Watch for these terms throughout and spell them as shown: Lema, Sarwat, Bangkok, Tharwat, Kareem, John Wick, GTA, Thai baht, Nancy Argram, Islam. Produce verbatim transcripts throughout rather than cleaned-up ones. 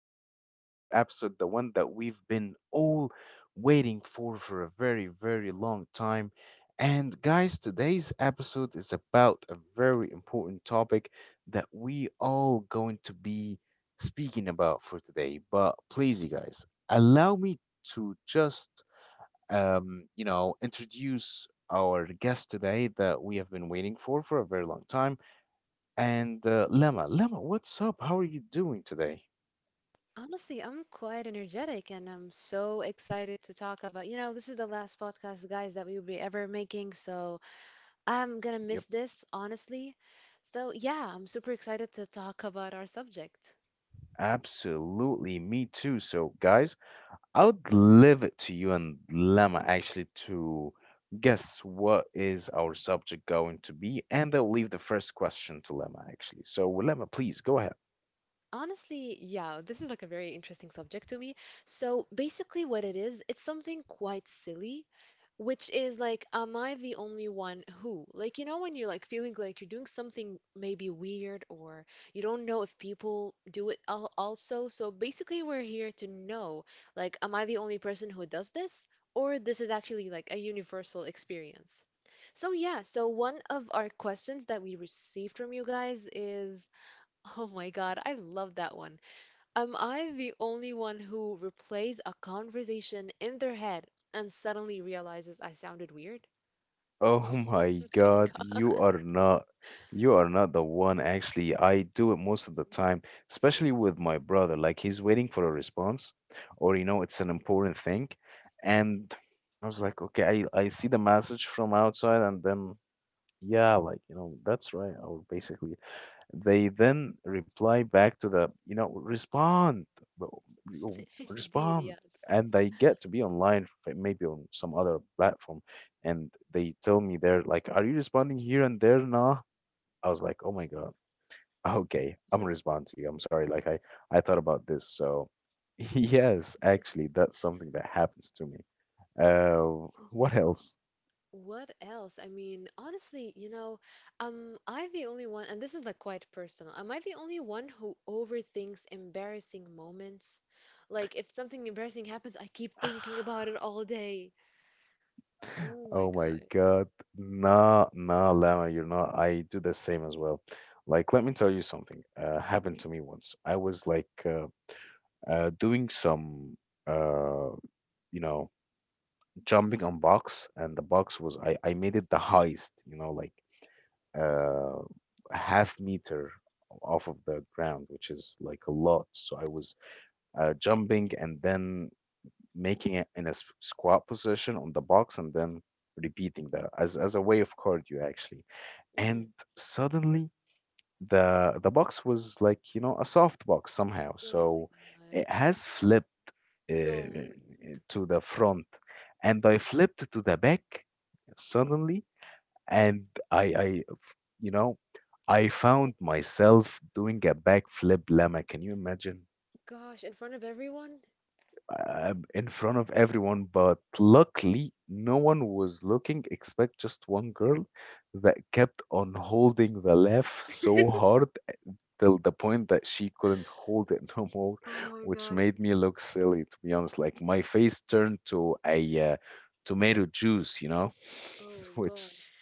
our today's new episode, the one that we've been all waiting for for a very, very long time. And, guys, today's episode is about a very important topic that we all going to be speaking about for today. But please, you guys, allow me to just, um, you know, introduce our guest today that we have been waiting for for a very long time. And uh, Lema, Lema, what's up? How are you doing today? Honestly, I'm quite energetic and I'm so excited to talk about. You know, this is the last podcast, guys, that we will be ever making, so I'm gonna Yep, miss this, honestly. So, yeah, I'm super excited to talk about our subject. absolutely. Me too. So, guys, I would leave it to you and Lema actually to guess what is our subject going to be, and I'll leave the first question to Lema actually. So, Lema, please go ahead. Honestly, yeah, this is like a very interesting subject to me. So basically, what it is, it's something quite silly, which is like, am I the only one who? Like, you know, when you're like feeling like you're doing something maybe weird or you don't know if people do it al also. So basically, we're here to know, like, am I the only person who does this? Or this is actually like a universal experience. So yeah, so one of our questions that we received from you guys is. Oh my God, I love that one. Am I the only one who replays a conversation in their head and suddenly realizes I sounded weird? Oh my Oh my God, you God. are not you are not the one. Actually, I do it most of the time, especially with my brother. Like he's waiting for a response, or you know, it's an important thing. And I was like, okay, I, I see the message from outside, and then yeah, like, you know, that's right. I will basically they then reply back to the, you know, respond, w- w- Indeed, respond. yes. And they get to be online, f- maybe on some other platform, and they tell me they're like, "Are you responding here and there?" Nah. I was like, "Oh my God, okay, I'm gonna Mhm, respond to you. I'm sorry, like I I thought about this." So, yes, actually, that's something that happens to me. Uh, mhm. What else? What else? I mean, honestly, you know, am I the only one, and this is like quite personal, am I the only one who overthinks embarrassing moments? Like, if something embarrassing happens, I keep thinking about it all day. Oh my Oh my God. God. Nah, nah, Lama, you're not. I do the same as well. Like, let me tell you something. Uh, happened to me once. I was like uh, uh, doing some, uh, you know, jumping on box, and the box was I I made it the highest, you know, like hmm uh half meter off of the ground, which is like a lot. So I was uh, jumping, and then making it in a s- squat position on the box and then repeating that as, as a way of cardio actually. hmm And suddenly the the box was like you know a soft box somehow, Oh so my God. it has flipped No. uh, to the front, and I flipped to the back suddenly, and I I you know I Oh found myself doing a backflip. Lama, can you imagine? gosh, in front of everyone? Uh, in front of everyone, but luckily no one was looking except just one girl that kept on holding the laugh so hard till the point that she couldn't hold it no more, Oh my which god. made me look silly, to be honest. Like my face turned to a uh, tomato juice, you know, Oh gosh. which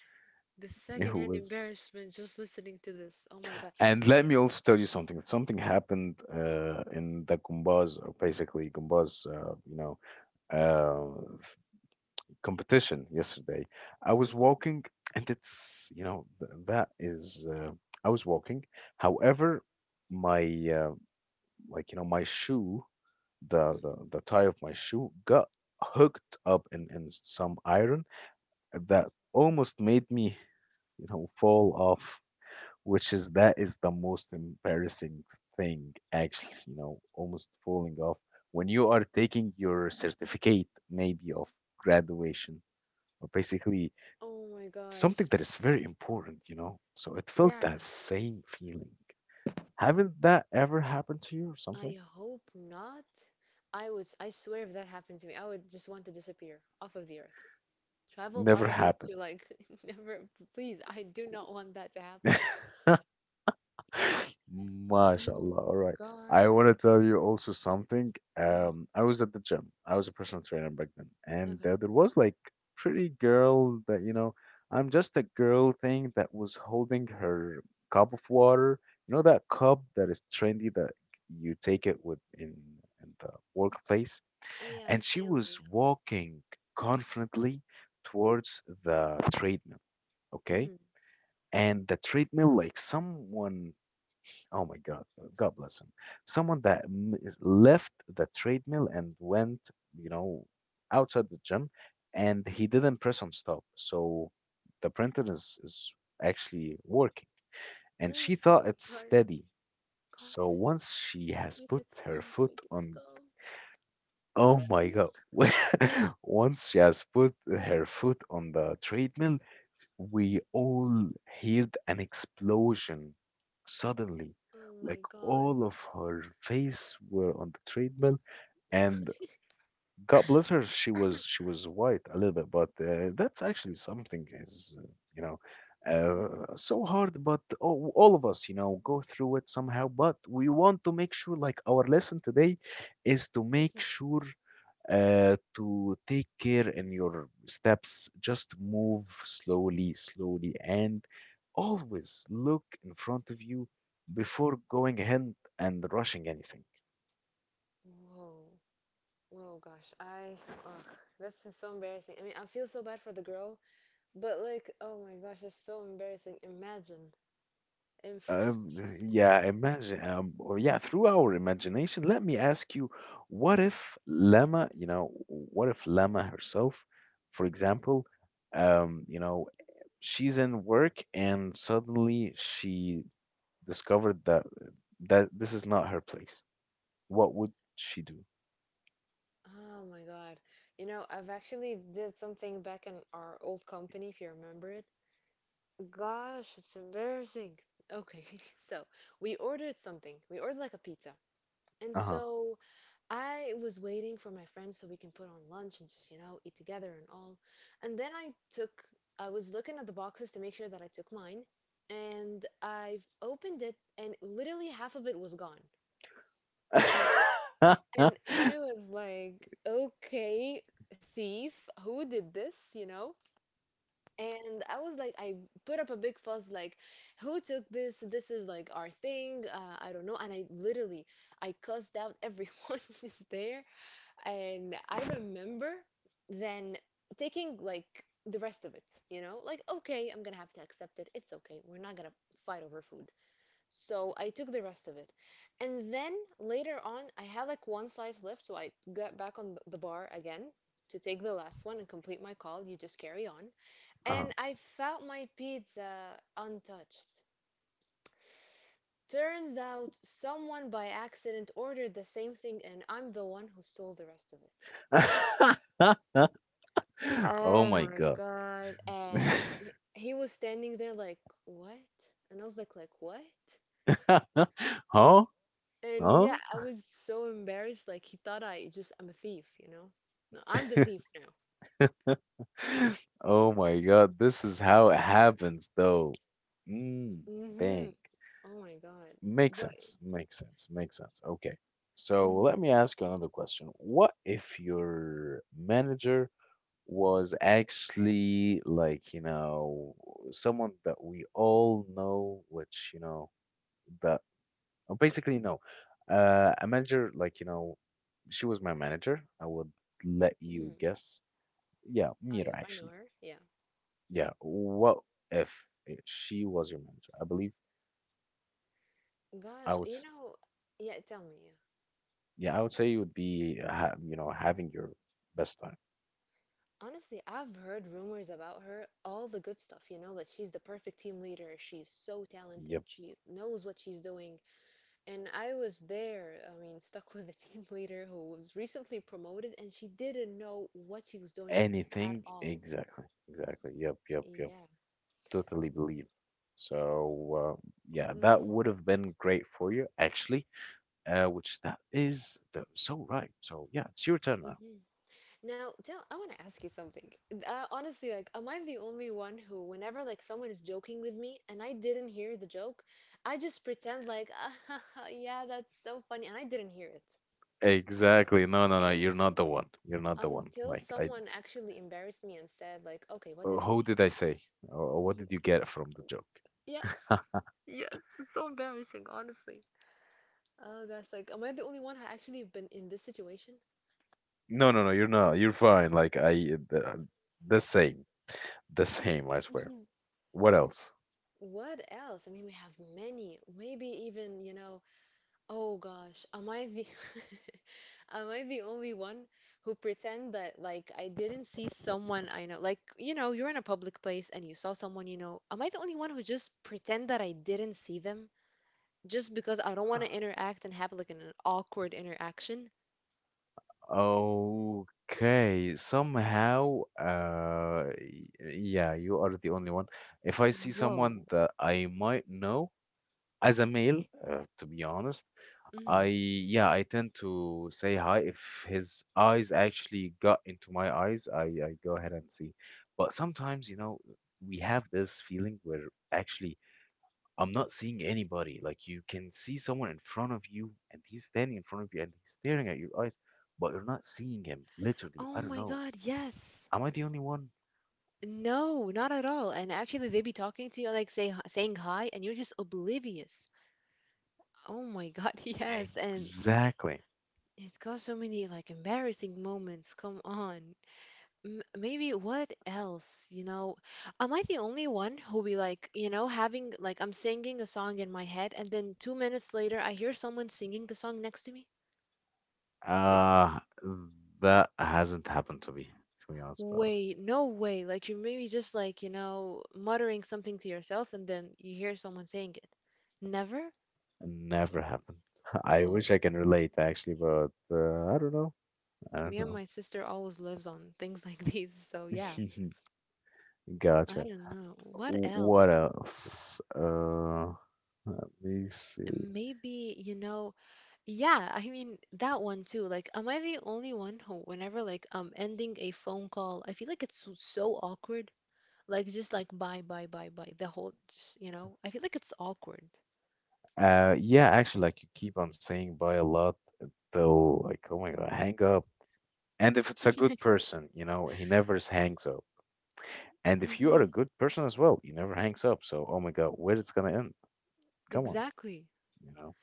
The it secondhand was. embarrassment just listening to this. Oh my god. And let me also tell you something. Something happened uh, in the Gumbaz, or basically Gumbaz, uh, you know, uh, competition yesterday. I was Mm, walking, and it's, you know, th- that is, uh, I was walking. However, my, uh, like, you know, my shoe, the, mm. the, the tie of my shoe got hooked up in, in some iron that almost made me, you know, fall off. Which is that is the most embarrassing thing, actually, you know, almost falling off when you are taking your certificate, maybe of graduation, or basically Oh my something gosh. that is very important, you know. So it felt Yeah, that same feeling. Haven't that ever happened to you or something? I hope not. I was, I swear if that happened to me, I would just want to disappear off of the earth. Travel Never probably happened. to like never, please, I do not want that to happen. Oh MashaAllah. All right. I God. want to tell you also something. Mm, Um, I was at the gym. I was a personal trainer back then, and okay. uh, there was like pretty girl that you know. I'm just a girl thing that was holding her cup of water. You know that cup that is trendy, that you take it with in in the workplace. Yeah, the And she was Stanley. walking confidently towards the treadmill. Yeah. Okay. Mm, And the treadmill, like someone, oh my God, God bless him, someone that m- is left the treadmill and went, you know, outside the gym, and he didn't press on stop. So the printer is, is actually working. And mm, she oh thought my it's God. steady. So Guys, once she has make put it her stop, foot make it on stop, Oh my God. guys. Once she has put her foot on the treadmill, we all heard an explosion. Suddenly, Oh like my god. all of her face were on the treadmill, and God bless her, she was she was white a little bit, but uh, that's actually something is uh, you know uh, so hard. But all, all of us, you know, go through it somehow. But we want to make sure, like our lesson today is to make sure uh, to take care in your steps. Just move slowly, slowly, and always look in front of you before going ahead and rushing anything. Whoa. Whoa, gosh. I, ugh, that's so- so embarrassing. I mean, I feel so bad for the girl, but like, oh my gosh, that's so embarrassing. Imagine. Imagine. Um, yeah, imagine. Um, or yeah, through our imagination, let me ask you: What Mhm. if Lama, you know, what if Lama herself, for example, um, you know, she's in work and suddenly she discovered that that this is not her place. What would she do? Oh my god. You know, I've actually did something back in our old company, if you remember it. Gosh, it's embarrassing. Okay, so we ordered something. We ordered like a pizza. And Uh-huh. so I was waiting for my friends so we can put on lunch and just, you know, eat together and all. And then I took, I was looking at the boxes to make sure that I took mine, and I've opened it, and literally half of it was gone. And and I was like, okay, thief, who did this, you know? And I was like, I put up a big fuss, like, who took this? This is like our thing. Uh, I don't know. And I literally, I cussed out everyone who's there. And I remember then taking like the rest of it, you know, like, okay, I'm gonna have to accept it. It's okay. We're not gonna fight over food. So I took the rest of it. And then later on, I had like one slice left. So I got back on the bar again to take the last one and complete my call. You just carry on. Uh-huh. And I found my pizza untouched. Turns out someone by accident ordered the same thing, and I'm the one who stole the rest of it. Oh Oh my my God. God. And y- he was standing there like, what? And I was like, like, what? Huh? And yeah, Huh? I was so embarrassed. Like he thought I just I'm a thief, you know? No, I'm the thief now. Oh my God, this is how it happens though. Mm, Mm-hmm. dang. Oh my God. Makes But sense. Makes sense. Makes sense. Okay. So let mm-hmm. me ask you another question. What if your manager was actually like, you know, someone that we all know, which, you know, that oh, basically no. Uh, a manager like, you know, she was my manager. I would let you hmm guess. Yeah, Oh, yep, Mira I know actually. her. Yeah. Yeah. What if i- she was your manager? I believe I Gosh, would you know, yeah, tell me, yeah. Yeah, I would say it would be ha you know having your best time. Honestly, I've heard rumors about her, all the good stuff, you know, that she's the perfect team leader. She's so talented. Yep. She knows what she's doing. And I was there, I mean, stuck with a team leader who was recently promoted and she didn't know what she was doing at Anything. all. Exactly. Exactly. Yep. Yep. Yep. Yeah. Totally believe. So uh, yeah, that hmm would have been great for you actually. Uh, which that is the, so right. So yeah, it's your turn now. hmm Now, tell, I want to ask you something. Uh, honestly, like, am I the only one who, whenever like someone is joking with me and I didn't hear the joke, I just pretend like, yeah, that's so funny, and I didn't hear it. Exactly. No, no, no. You're And not the one. You're not the one. until Like I, someone actually embarrassed me and said like, okay, what uh, did I who say? did I say? Or what did you get from the joke? Yeah. Yes, it's so embarrassing, honestly. Oh gosh, like am I the only one who actually been in this situation? No, no, no. You're not. You're fine. Like I, the, the same, the same. I swear. hmm What else? What else? I mean, we have many. Maybe even, you know, oh gosh, am I the am I the only one who pretend that like I didn't see someone I know? Like, you know, you're in a public place and you saw someone you know. Am I the only one who just pretend that I didn't see them just because I don't want to interact and have like an awkward interaction? Okay, somehow, uh, y- yeah, you are the only one. If I see someone Whoa. that I might know as a male, uh, to be honest, I hmm yeah, I tend to say hi. If his eyes actually got into my eyes, I I go ahead and see. But sometimes, you know, we have this feeling we're actually I'm not seeing anybody. Like you can see someone in front of you and he's standing in front of you and he's staring at your eyes, but you're not seeing him. Literally, I Oh don't my know. God, yes. Am I the only one? No, not at all. And actually, they be talking to you, like say hi- saying hi, and you're just oblivious. Oh my God, yes. And Exactly. it's got so many like embarrassing moments. Come on. M Maybe what else? You know, am I the only one who be like, you know, having like I'm singing a song in my head, and then two minutes later, I hear someone singing the song next to me? Like, Uh, that hasn't happened to me, to be honest, but wait, no way. Like you're maybe just like, you know, muttering something to yourself, and then you hear someone saying it. Never? never happened. I Whoa. wish I can relate actually, but uh, I don't know. I Me don't and know. my sister always lives on things like these, so yeah. I Gotcha. don't know. What W- What else? else? Uh, let me see. Maybe, you know, yeah, I mean that one too. Like, am I the only one who, whenever like I'm ending a phone call, I feel like it's so so awkward. Like just like bye bye bye bye the whole, just, you know, I feel like it's awkward. Uh, yeah, actually, like you keep on saying bye a lot, uh, they'll like, oh my God, hang up. And if it's a good person, you know, he never s- hangs up. And if you are a Mm-hmm. good person as well, you never hangs up. So, oh my God, where it's gonna end? Come on, Exactly. you know.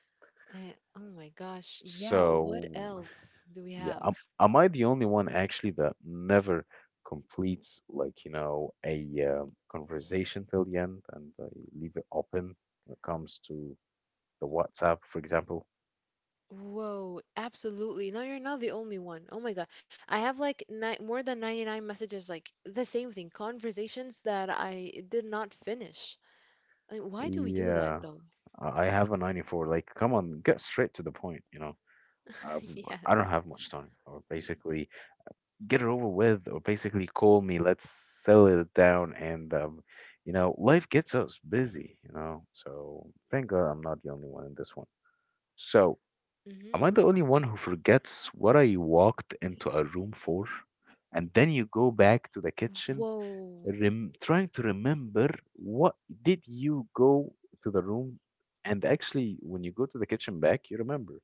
Eh, oh my gosh. Yeah, what So, else do we yeah, am, have? am I the only one actually that never completes like, you know, a um, conversation till the end and I leave it open when it comes to the WhatsApp, for example? Whoa, absolutely. No, you're not the only one. Oh my God. I have like ni more than ninety-nine messages, like the same thing, conversations that I did not finish. Like, why do we do that Yeah. though? I I have a ninety-four. Like, come on, get straight to the point, you know. I, Yes. I don't have much time, or basically get it over with, or basically call me. Let's settle it down, and um, you know, life gets us busy, you know. So thank God I'm not the only one in this one. So am hmm I the only one who forgets what I walked into a room for? And then you go back to the kitchen, Whoa. rem- trying to remember what did you go to the room. And actually when you go to the kitchen back, you remember.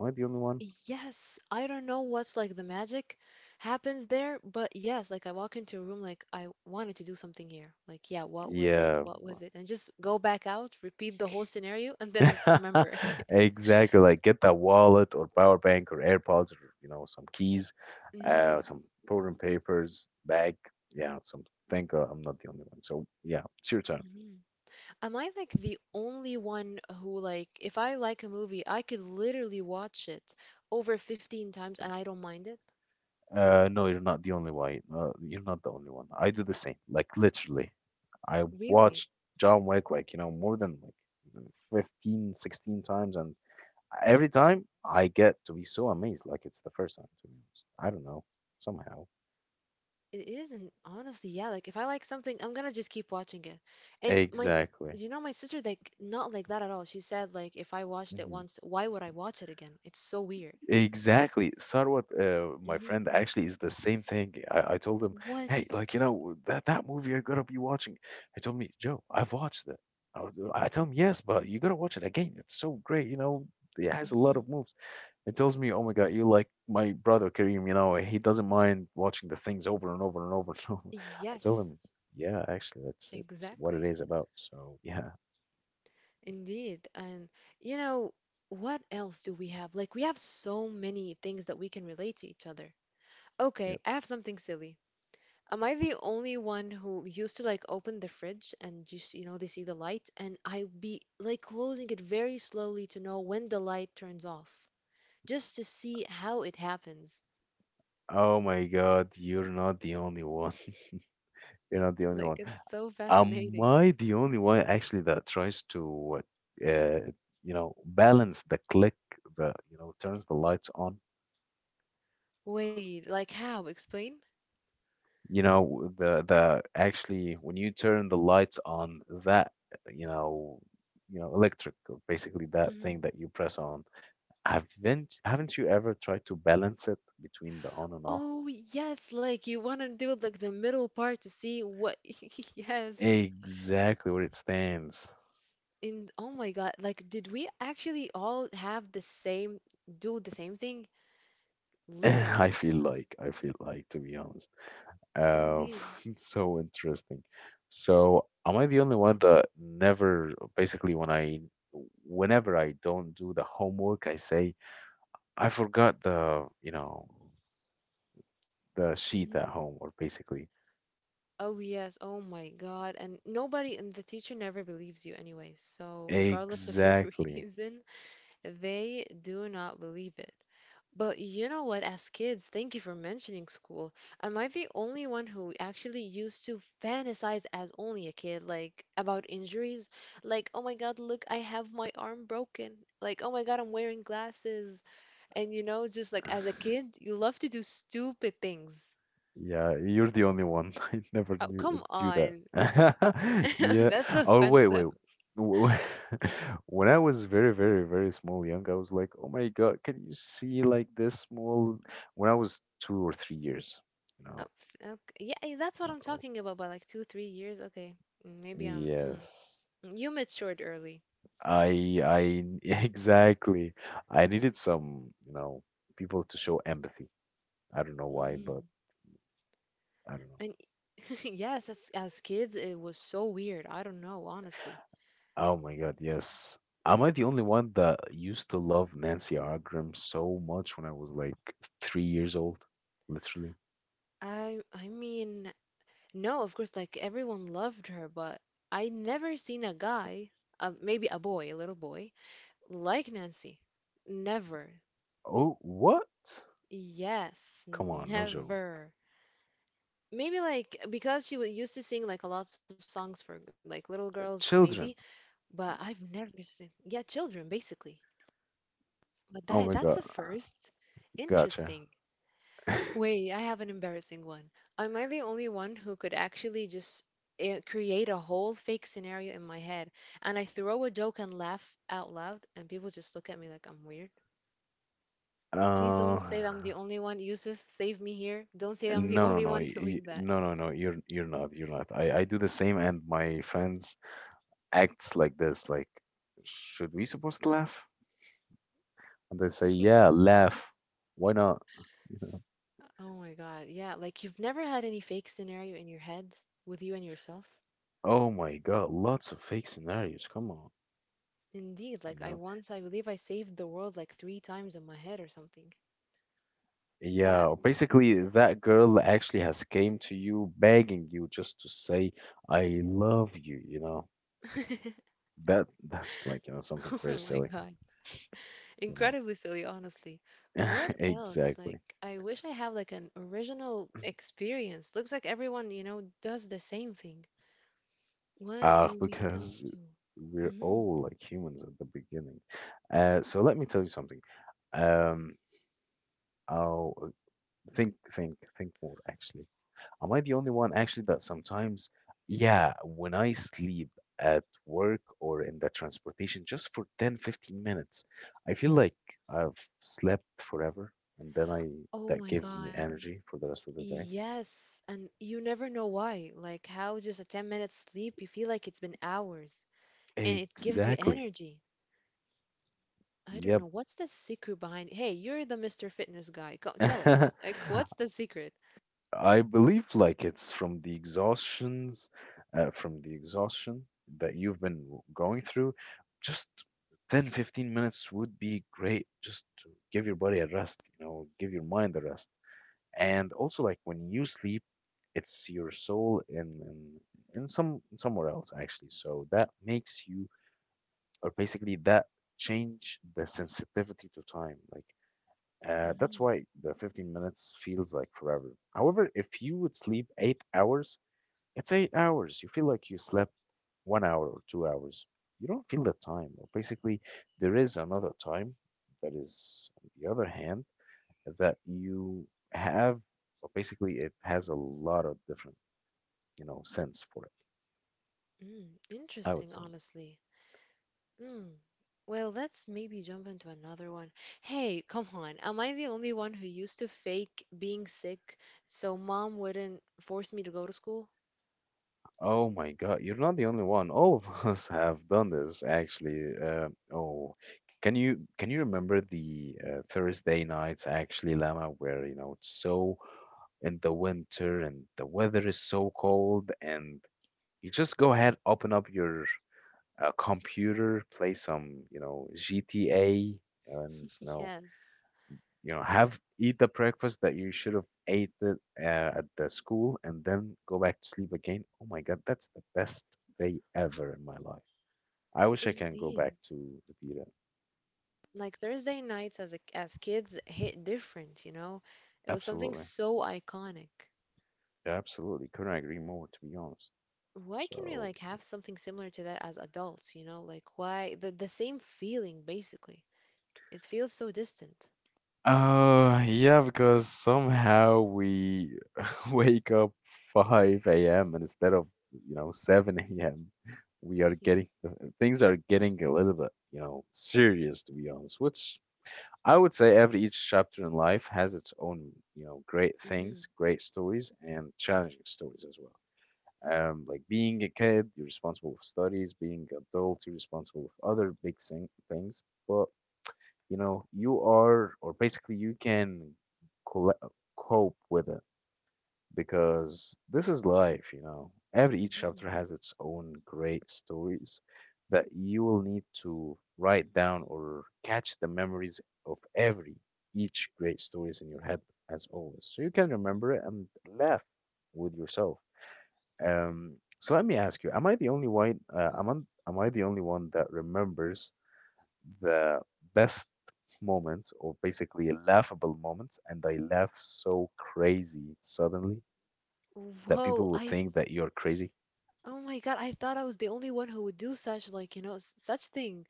Am I the only one? Yes, I don't know what's like the magic happens there, but yes, like I walk into a room like I wanted to do something here. Like, yeah, what was it? Yeah. What was it? And just go back out, repeat the whole scenario, and then I remember. Exactly. Like get that wallet or power bank or AirPods or, you know some keys, uh hmm some program papers bag, yeah, some. Thank God I'm not the only one. So yeah, it's your turn. hmm Am I like the only one who like if I like a movie, I could literally watch it over fifteen times and I don't mind it? Uh no, you're not the only one. Uh, you're not the only one. I do the same. Like, literally, I Really? watched John Wick, like, you know, more than like fifteen, sixteen times. And every time I get to be so amazed, like it's the first time, to be honest. I don't know, somehow. It isn't honestly, yeah, like if I like something, I'm gonna just keep watching it. And my s- Exactly. you know my sister like not like that at all. She said like if I watched it Hmm. once, why would I watch it again? It's so weird. Exactly. Sarwat, uh, my hmm friend, actually is the same thing. I, I told him, hey, What? like, you know, that, that movie I got to be watching. He told me, Joe, I've watched it. I, was- I tell him, yes, but you gotta watch it again. It's so great, you know, it has a lot hmm of movies. It tells me, "Oh my God, you like my brother Kareem, you know, he doesn't mind watching the things over and over and over and over." I tell Yes, him, "Yeah, actually, that's it's what it exactly. is about." So yeah, Indeed. And you know, what else do we have? Like, we have so many things that we can relate to each other. yeah. Okay, I have something silly. Am I the only one who used to like open the fridge and just, you know, they see the light and I be like closing it very slowly to know when the light turns off, just to see how it happens. Oh my God, you're not the only one. You're not the only Like, one. it's so Am fascinating. I the only one actually that tries to, uh, you know, balance the click, the you know, turns the lights on? Wait, like how? Explain? You know the the actually when you turn the lights on that you know you know electric or basically that thing Mhm. that you press on. Haven't haven't you ever tried to balance it between the on and off, Oh, yes, like you want to do like the middle part to see what. Yes. exactly where it stands? In Oh my God, like did we actually all have the same do the same thing? Literally. i feel like i feel like to be honest, uh, Indeed. it's so interesting. So am I the only one that never basically when I, whenever I don't do the homework, I say I forgot the, you know, the sheet hmm at home, or basically. Oh yes, oh my God. And nobody and the teacher never believes you anyway. So regardless of your Exactly. reason, they do not believe it. But you know what, as kids, thank you for mentioning school. Am I the only one who actually used to fantasize as only a kid, like about injuries? Like, oh my God, look, I have my arm broken. Like, oh my God, I'm wearing glasses. And you know, just like as a kid, you love to do stupid things. Yeah, you're the only one. I never Oh, knew uh, come do that. on. Yeah. That's Oh, wait, offensive. wait. W- w- When I was very, very, very small, young, I was like, "Oh my God, can you see like this small?" When I was two or three years, you Uh, know, f- Okay. Yeah, eh, that's what not I'm old. talking about, but like two, three years. Okay. Mm, Maybe I'm. Yes. You matured early. I, I, exactly. I needed some, you know, people to show empathy. I don't know why, but hmm I don't know. And yes, as, as kids, it was so weird. I don't know, honestly. Oh my God, yes. Am I the only one that used to love Nancy Argram so much when I was like three years old? Literally. I I mean, no, of course, like everyone loved her, but I never seen a guy, uh, maybe a boy, a little boy, like Nancy. Never. Oh, what? Yes, Come on, no joke. never. Maybe like because she wa- used to sing like a lots of songs for like little girls, maybe, Children. but I've never seen, yeah, children basically. But Oh that my that's a God, first. gotcha. Interesting. Wait, I have an embarrassing one. Am I the only one who could actually just eh, create a whole fake scenario in my head and I throw a joke and laugh out loud and people just look at me like I'm weird? Please Uh, don't say that I'm the only one. Yusuf, save me here. Don't say that I'm the no, no, only no, one y- y- doing that. no, no, no. You're you're not. You're not. I I do the same, and my friends acts like this. Like, should we supposed to laugh? And they say, yeah, laugh. Why not? You know. Oh my God. Yeah, like you've never had any fake scenario in your head with you and yourself? Oh my God, lots of fake scenarios. Come on. Indeed, You like I know, once, I believe I saved the world like three times in my head or something. Yeah. yeah, basically that girl actually has came to you begging you just to say, I love you, you know. That that's like, you know, something Oh very my silly, God. you know. Incredibly silly, honestly. What else? Exactly. Like, I wish I have like an original experience. Looks like everyone, you know, does the same thing. What Uh, do we else because do? we're hmm all like humans at the beginning. Uh, so let me tell you something. Um, I'll uh, think, think, think more actually. Am I the only one actually that sometimes, yeah, when I sleep at work or in the transportation just for ten, fifteen minutes, I feel like I've slept forever, and then I, Oh that my gives me God. energy for the rest of the Yes, and you never know why. Like how just a ten minute sleep, you feel like it's been hours and day. it gives you Exactly. energy. I don't Yep. know. What's the secret behind? Hey, you're the mister Fitness guy. Go, tell us. Like, what's the secret? I believe like it's from the exhaustions, uh, from the exhaustion that you've been w- going through. Just ten fifteen minutes would be great just to give your body a rest, you know, give your mind a rest. And also like when you sleep, it's your soul in in, in some somewhere else actually. So that makes you, or basically that, change the sensitivity to time. Like uh, that's Mm-hmm. why the fifteen minutes feels like forever. However, if you would sleep eight hours, it's eight hours. You feel like you slept one hour or two hours. You don't feel the time. Or basically, there is another time that is, on the other hand, that you have, or basically, it has a lot of different, you know, sense for it, Mm, I would interesting, say. honestly. Mm. Well, let's maybe jump into another one. Hey, come on. Am I the only one who used to fake being sick so mom wouldn't force me to go to school? Oh my God, you're not the only one. All of us have done this actually. Uh, oh, can you can you remember the uh, Thursday nights actually, Lama, where you know it's so in the winter and the weather is so cold, and you just go ahead, open up your uh, computer, play some you know G T A, and you know Yes. you know, have eat the breakfast that you should have ate it uh, at the school, and then go back to sleep again. Oh my God, that's the best day ever in my life. I wish I can go Indeed. back to repeat it. Like Thursday nights as a, as kids hit different, you know? It was something Absolutely, so iconic. yeah, absolutely. Couldn't agree more, to be honest. Why can we So, like have something similar to that as adults, you know? Like why the the same feeling basically. It feels so distant. uh, yeah, because somehow we wake up five a m and instead of you know seven a m we are getting uh, things are getting a little bit you know serious to be honest, which I would say every each chapter in life has its own, you know, great Mm-hmm. things, great stories, and challenging stories as well. Um, like being a kid, you're responsible for studies. Being adult, you're responsible for other big thing, things. But you know, you are, or basically, you can colla- cope with it because this is life, you know. Every each Mm-hmm. chapter has its own great stories that you will need to write down or catch the memories of every each great stories in your head as always. So you can remember it and laugh with yourself. Um, so let me ask you, am I the only one uh, am, I, am I the only one that remembers the best moments, or basically laughable moments, and I laugh so crazy suddenly? That Whoa, people would I think that you're crazy. oh my God, I thought I was the only one who would do such like, you know, s- such thing.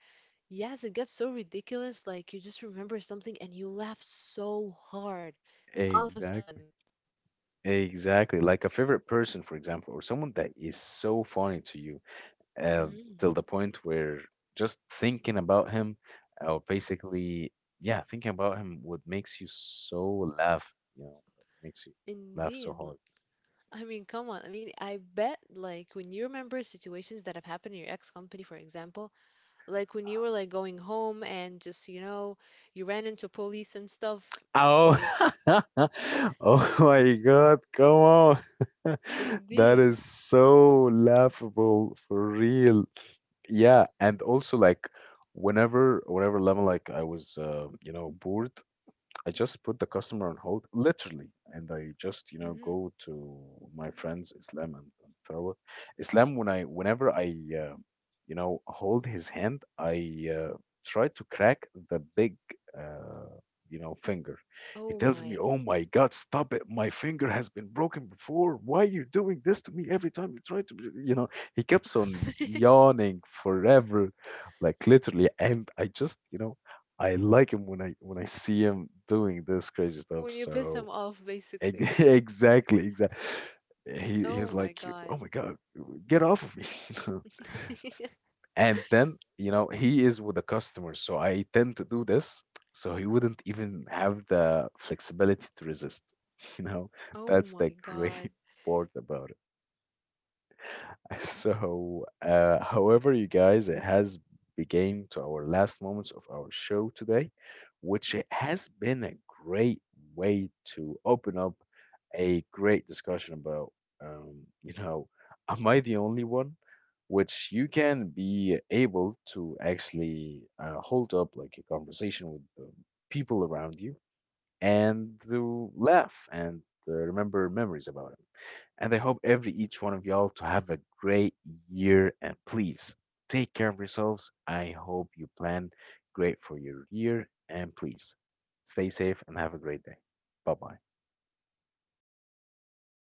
Yes, it gets so ridiculous. Like you just remember something and you laugh so hard all of a sudden. Exactly. Exactly. Like a favorite person, for example, or someone that is so funny to you, uh, hmm till the point where just thinking about him, or basically, yeah, thinking about him would makes you so laugh, you know, makes you laugh so Indeed. L- hard. I mean, come on. I mean, I bet like when you remember situations that have happened in your ex company, for example, like when you were like going home and just, you know, you ran into police and stuff. Oh, Like, oh my God, come on. That indeed. is so laughable for real. Yeah, and also like whenever whenever level like I was uh, you know bored, I just put the customer on hold, literally, and I just, you know, hmm go to my friends Islam and, and Tharwat. Islam, when I, whenever I, uh, you know, hold his hand, I uh, try to crack the big, uh, you know, finger. He Oh tells me, my. "Oh my God, stop it! My finger has been broken before. Why are you doing this to me every time you try to, be-" you know?" He keeps on yawning forever, like literally, and I just, you know, I like him when I when I see him doing this crazy stuff. When you piss So them off, ex- basically. exactly, exactly. He he was Oh like, my "Oh God. my God, get off of me!" And then you know he is with the customers, so I tend to do this, so he wouldn't even have the flexibility to resist. You know, that's Oh the my great God. part about it. That is diabolical, honestly. So, uh, however, you guys, it But has you know, began to I our I last loved our moments of our episode. It was show quite today, short today. which it has been a However, I great liked it very way much, to open honestly. up And a great discussion about, um, yes, I you wish that we know, can have am I more the of it only later one? on, Which you can but our be time runs able short to basically. actually So uh, hold up like maybe a we conversation should, you with the know, people around you do another episode later and on when we to have the laugh time for, and for uh, it. remember And memories about him. basically, I And I would hope every say each one that of y'all to have is a great it. year, and And yeah, please so thank you take care of everyone for yourselves. attending I this hope you episode. plan I like it great very for your much. year and Hopefully, we'll please make future stay safe episodes. and have a great day. And Bye bye. yes, take care,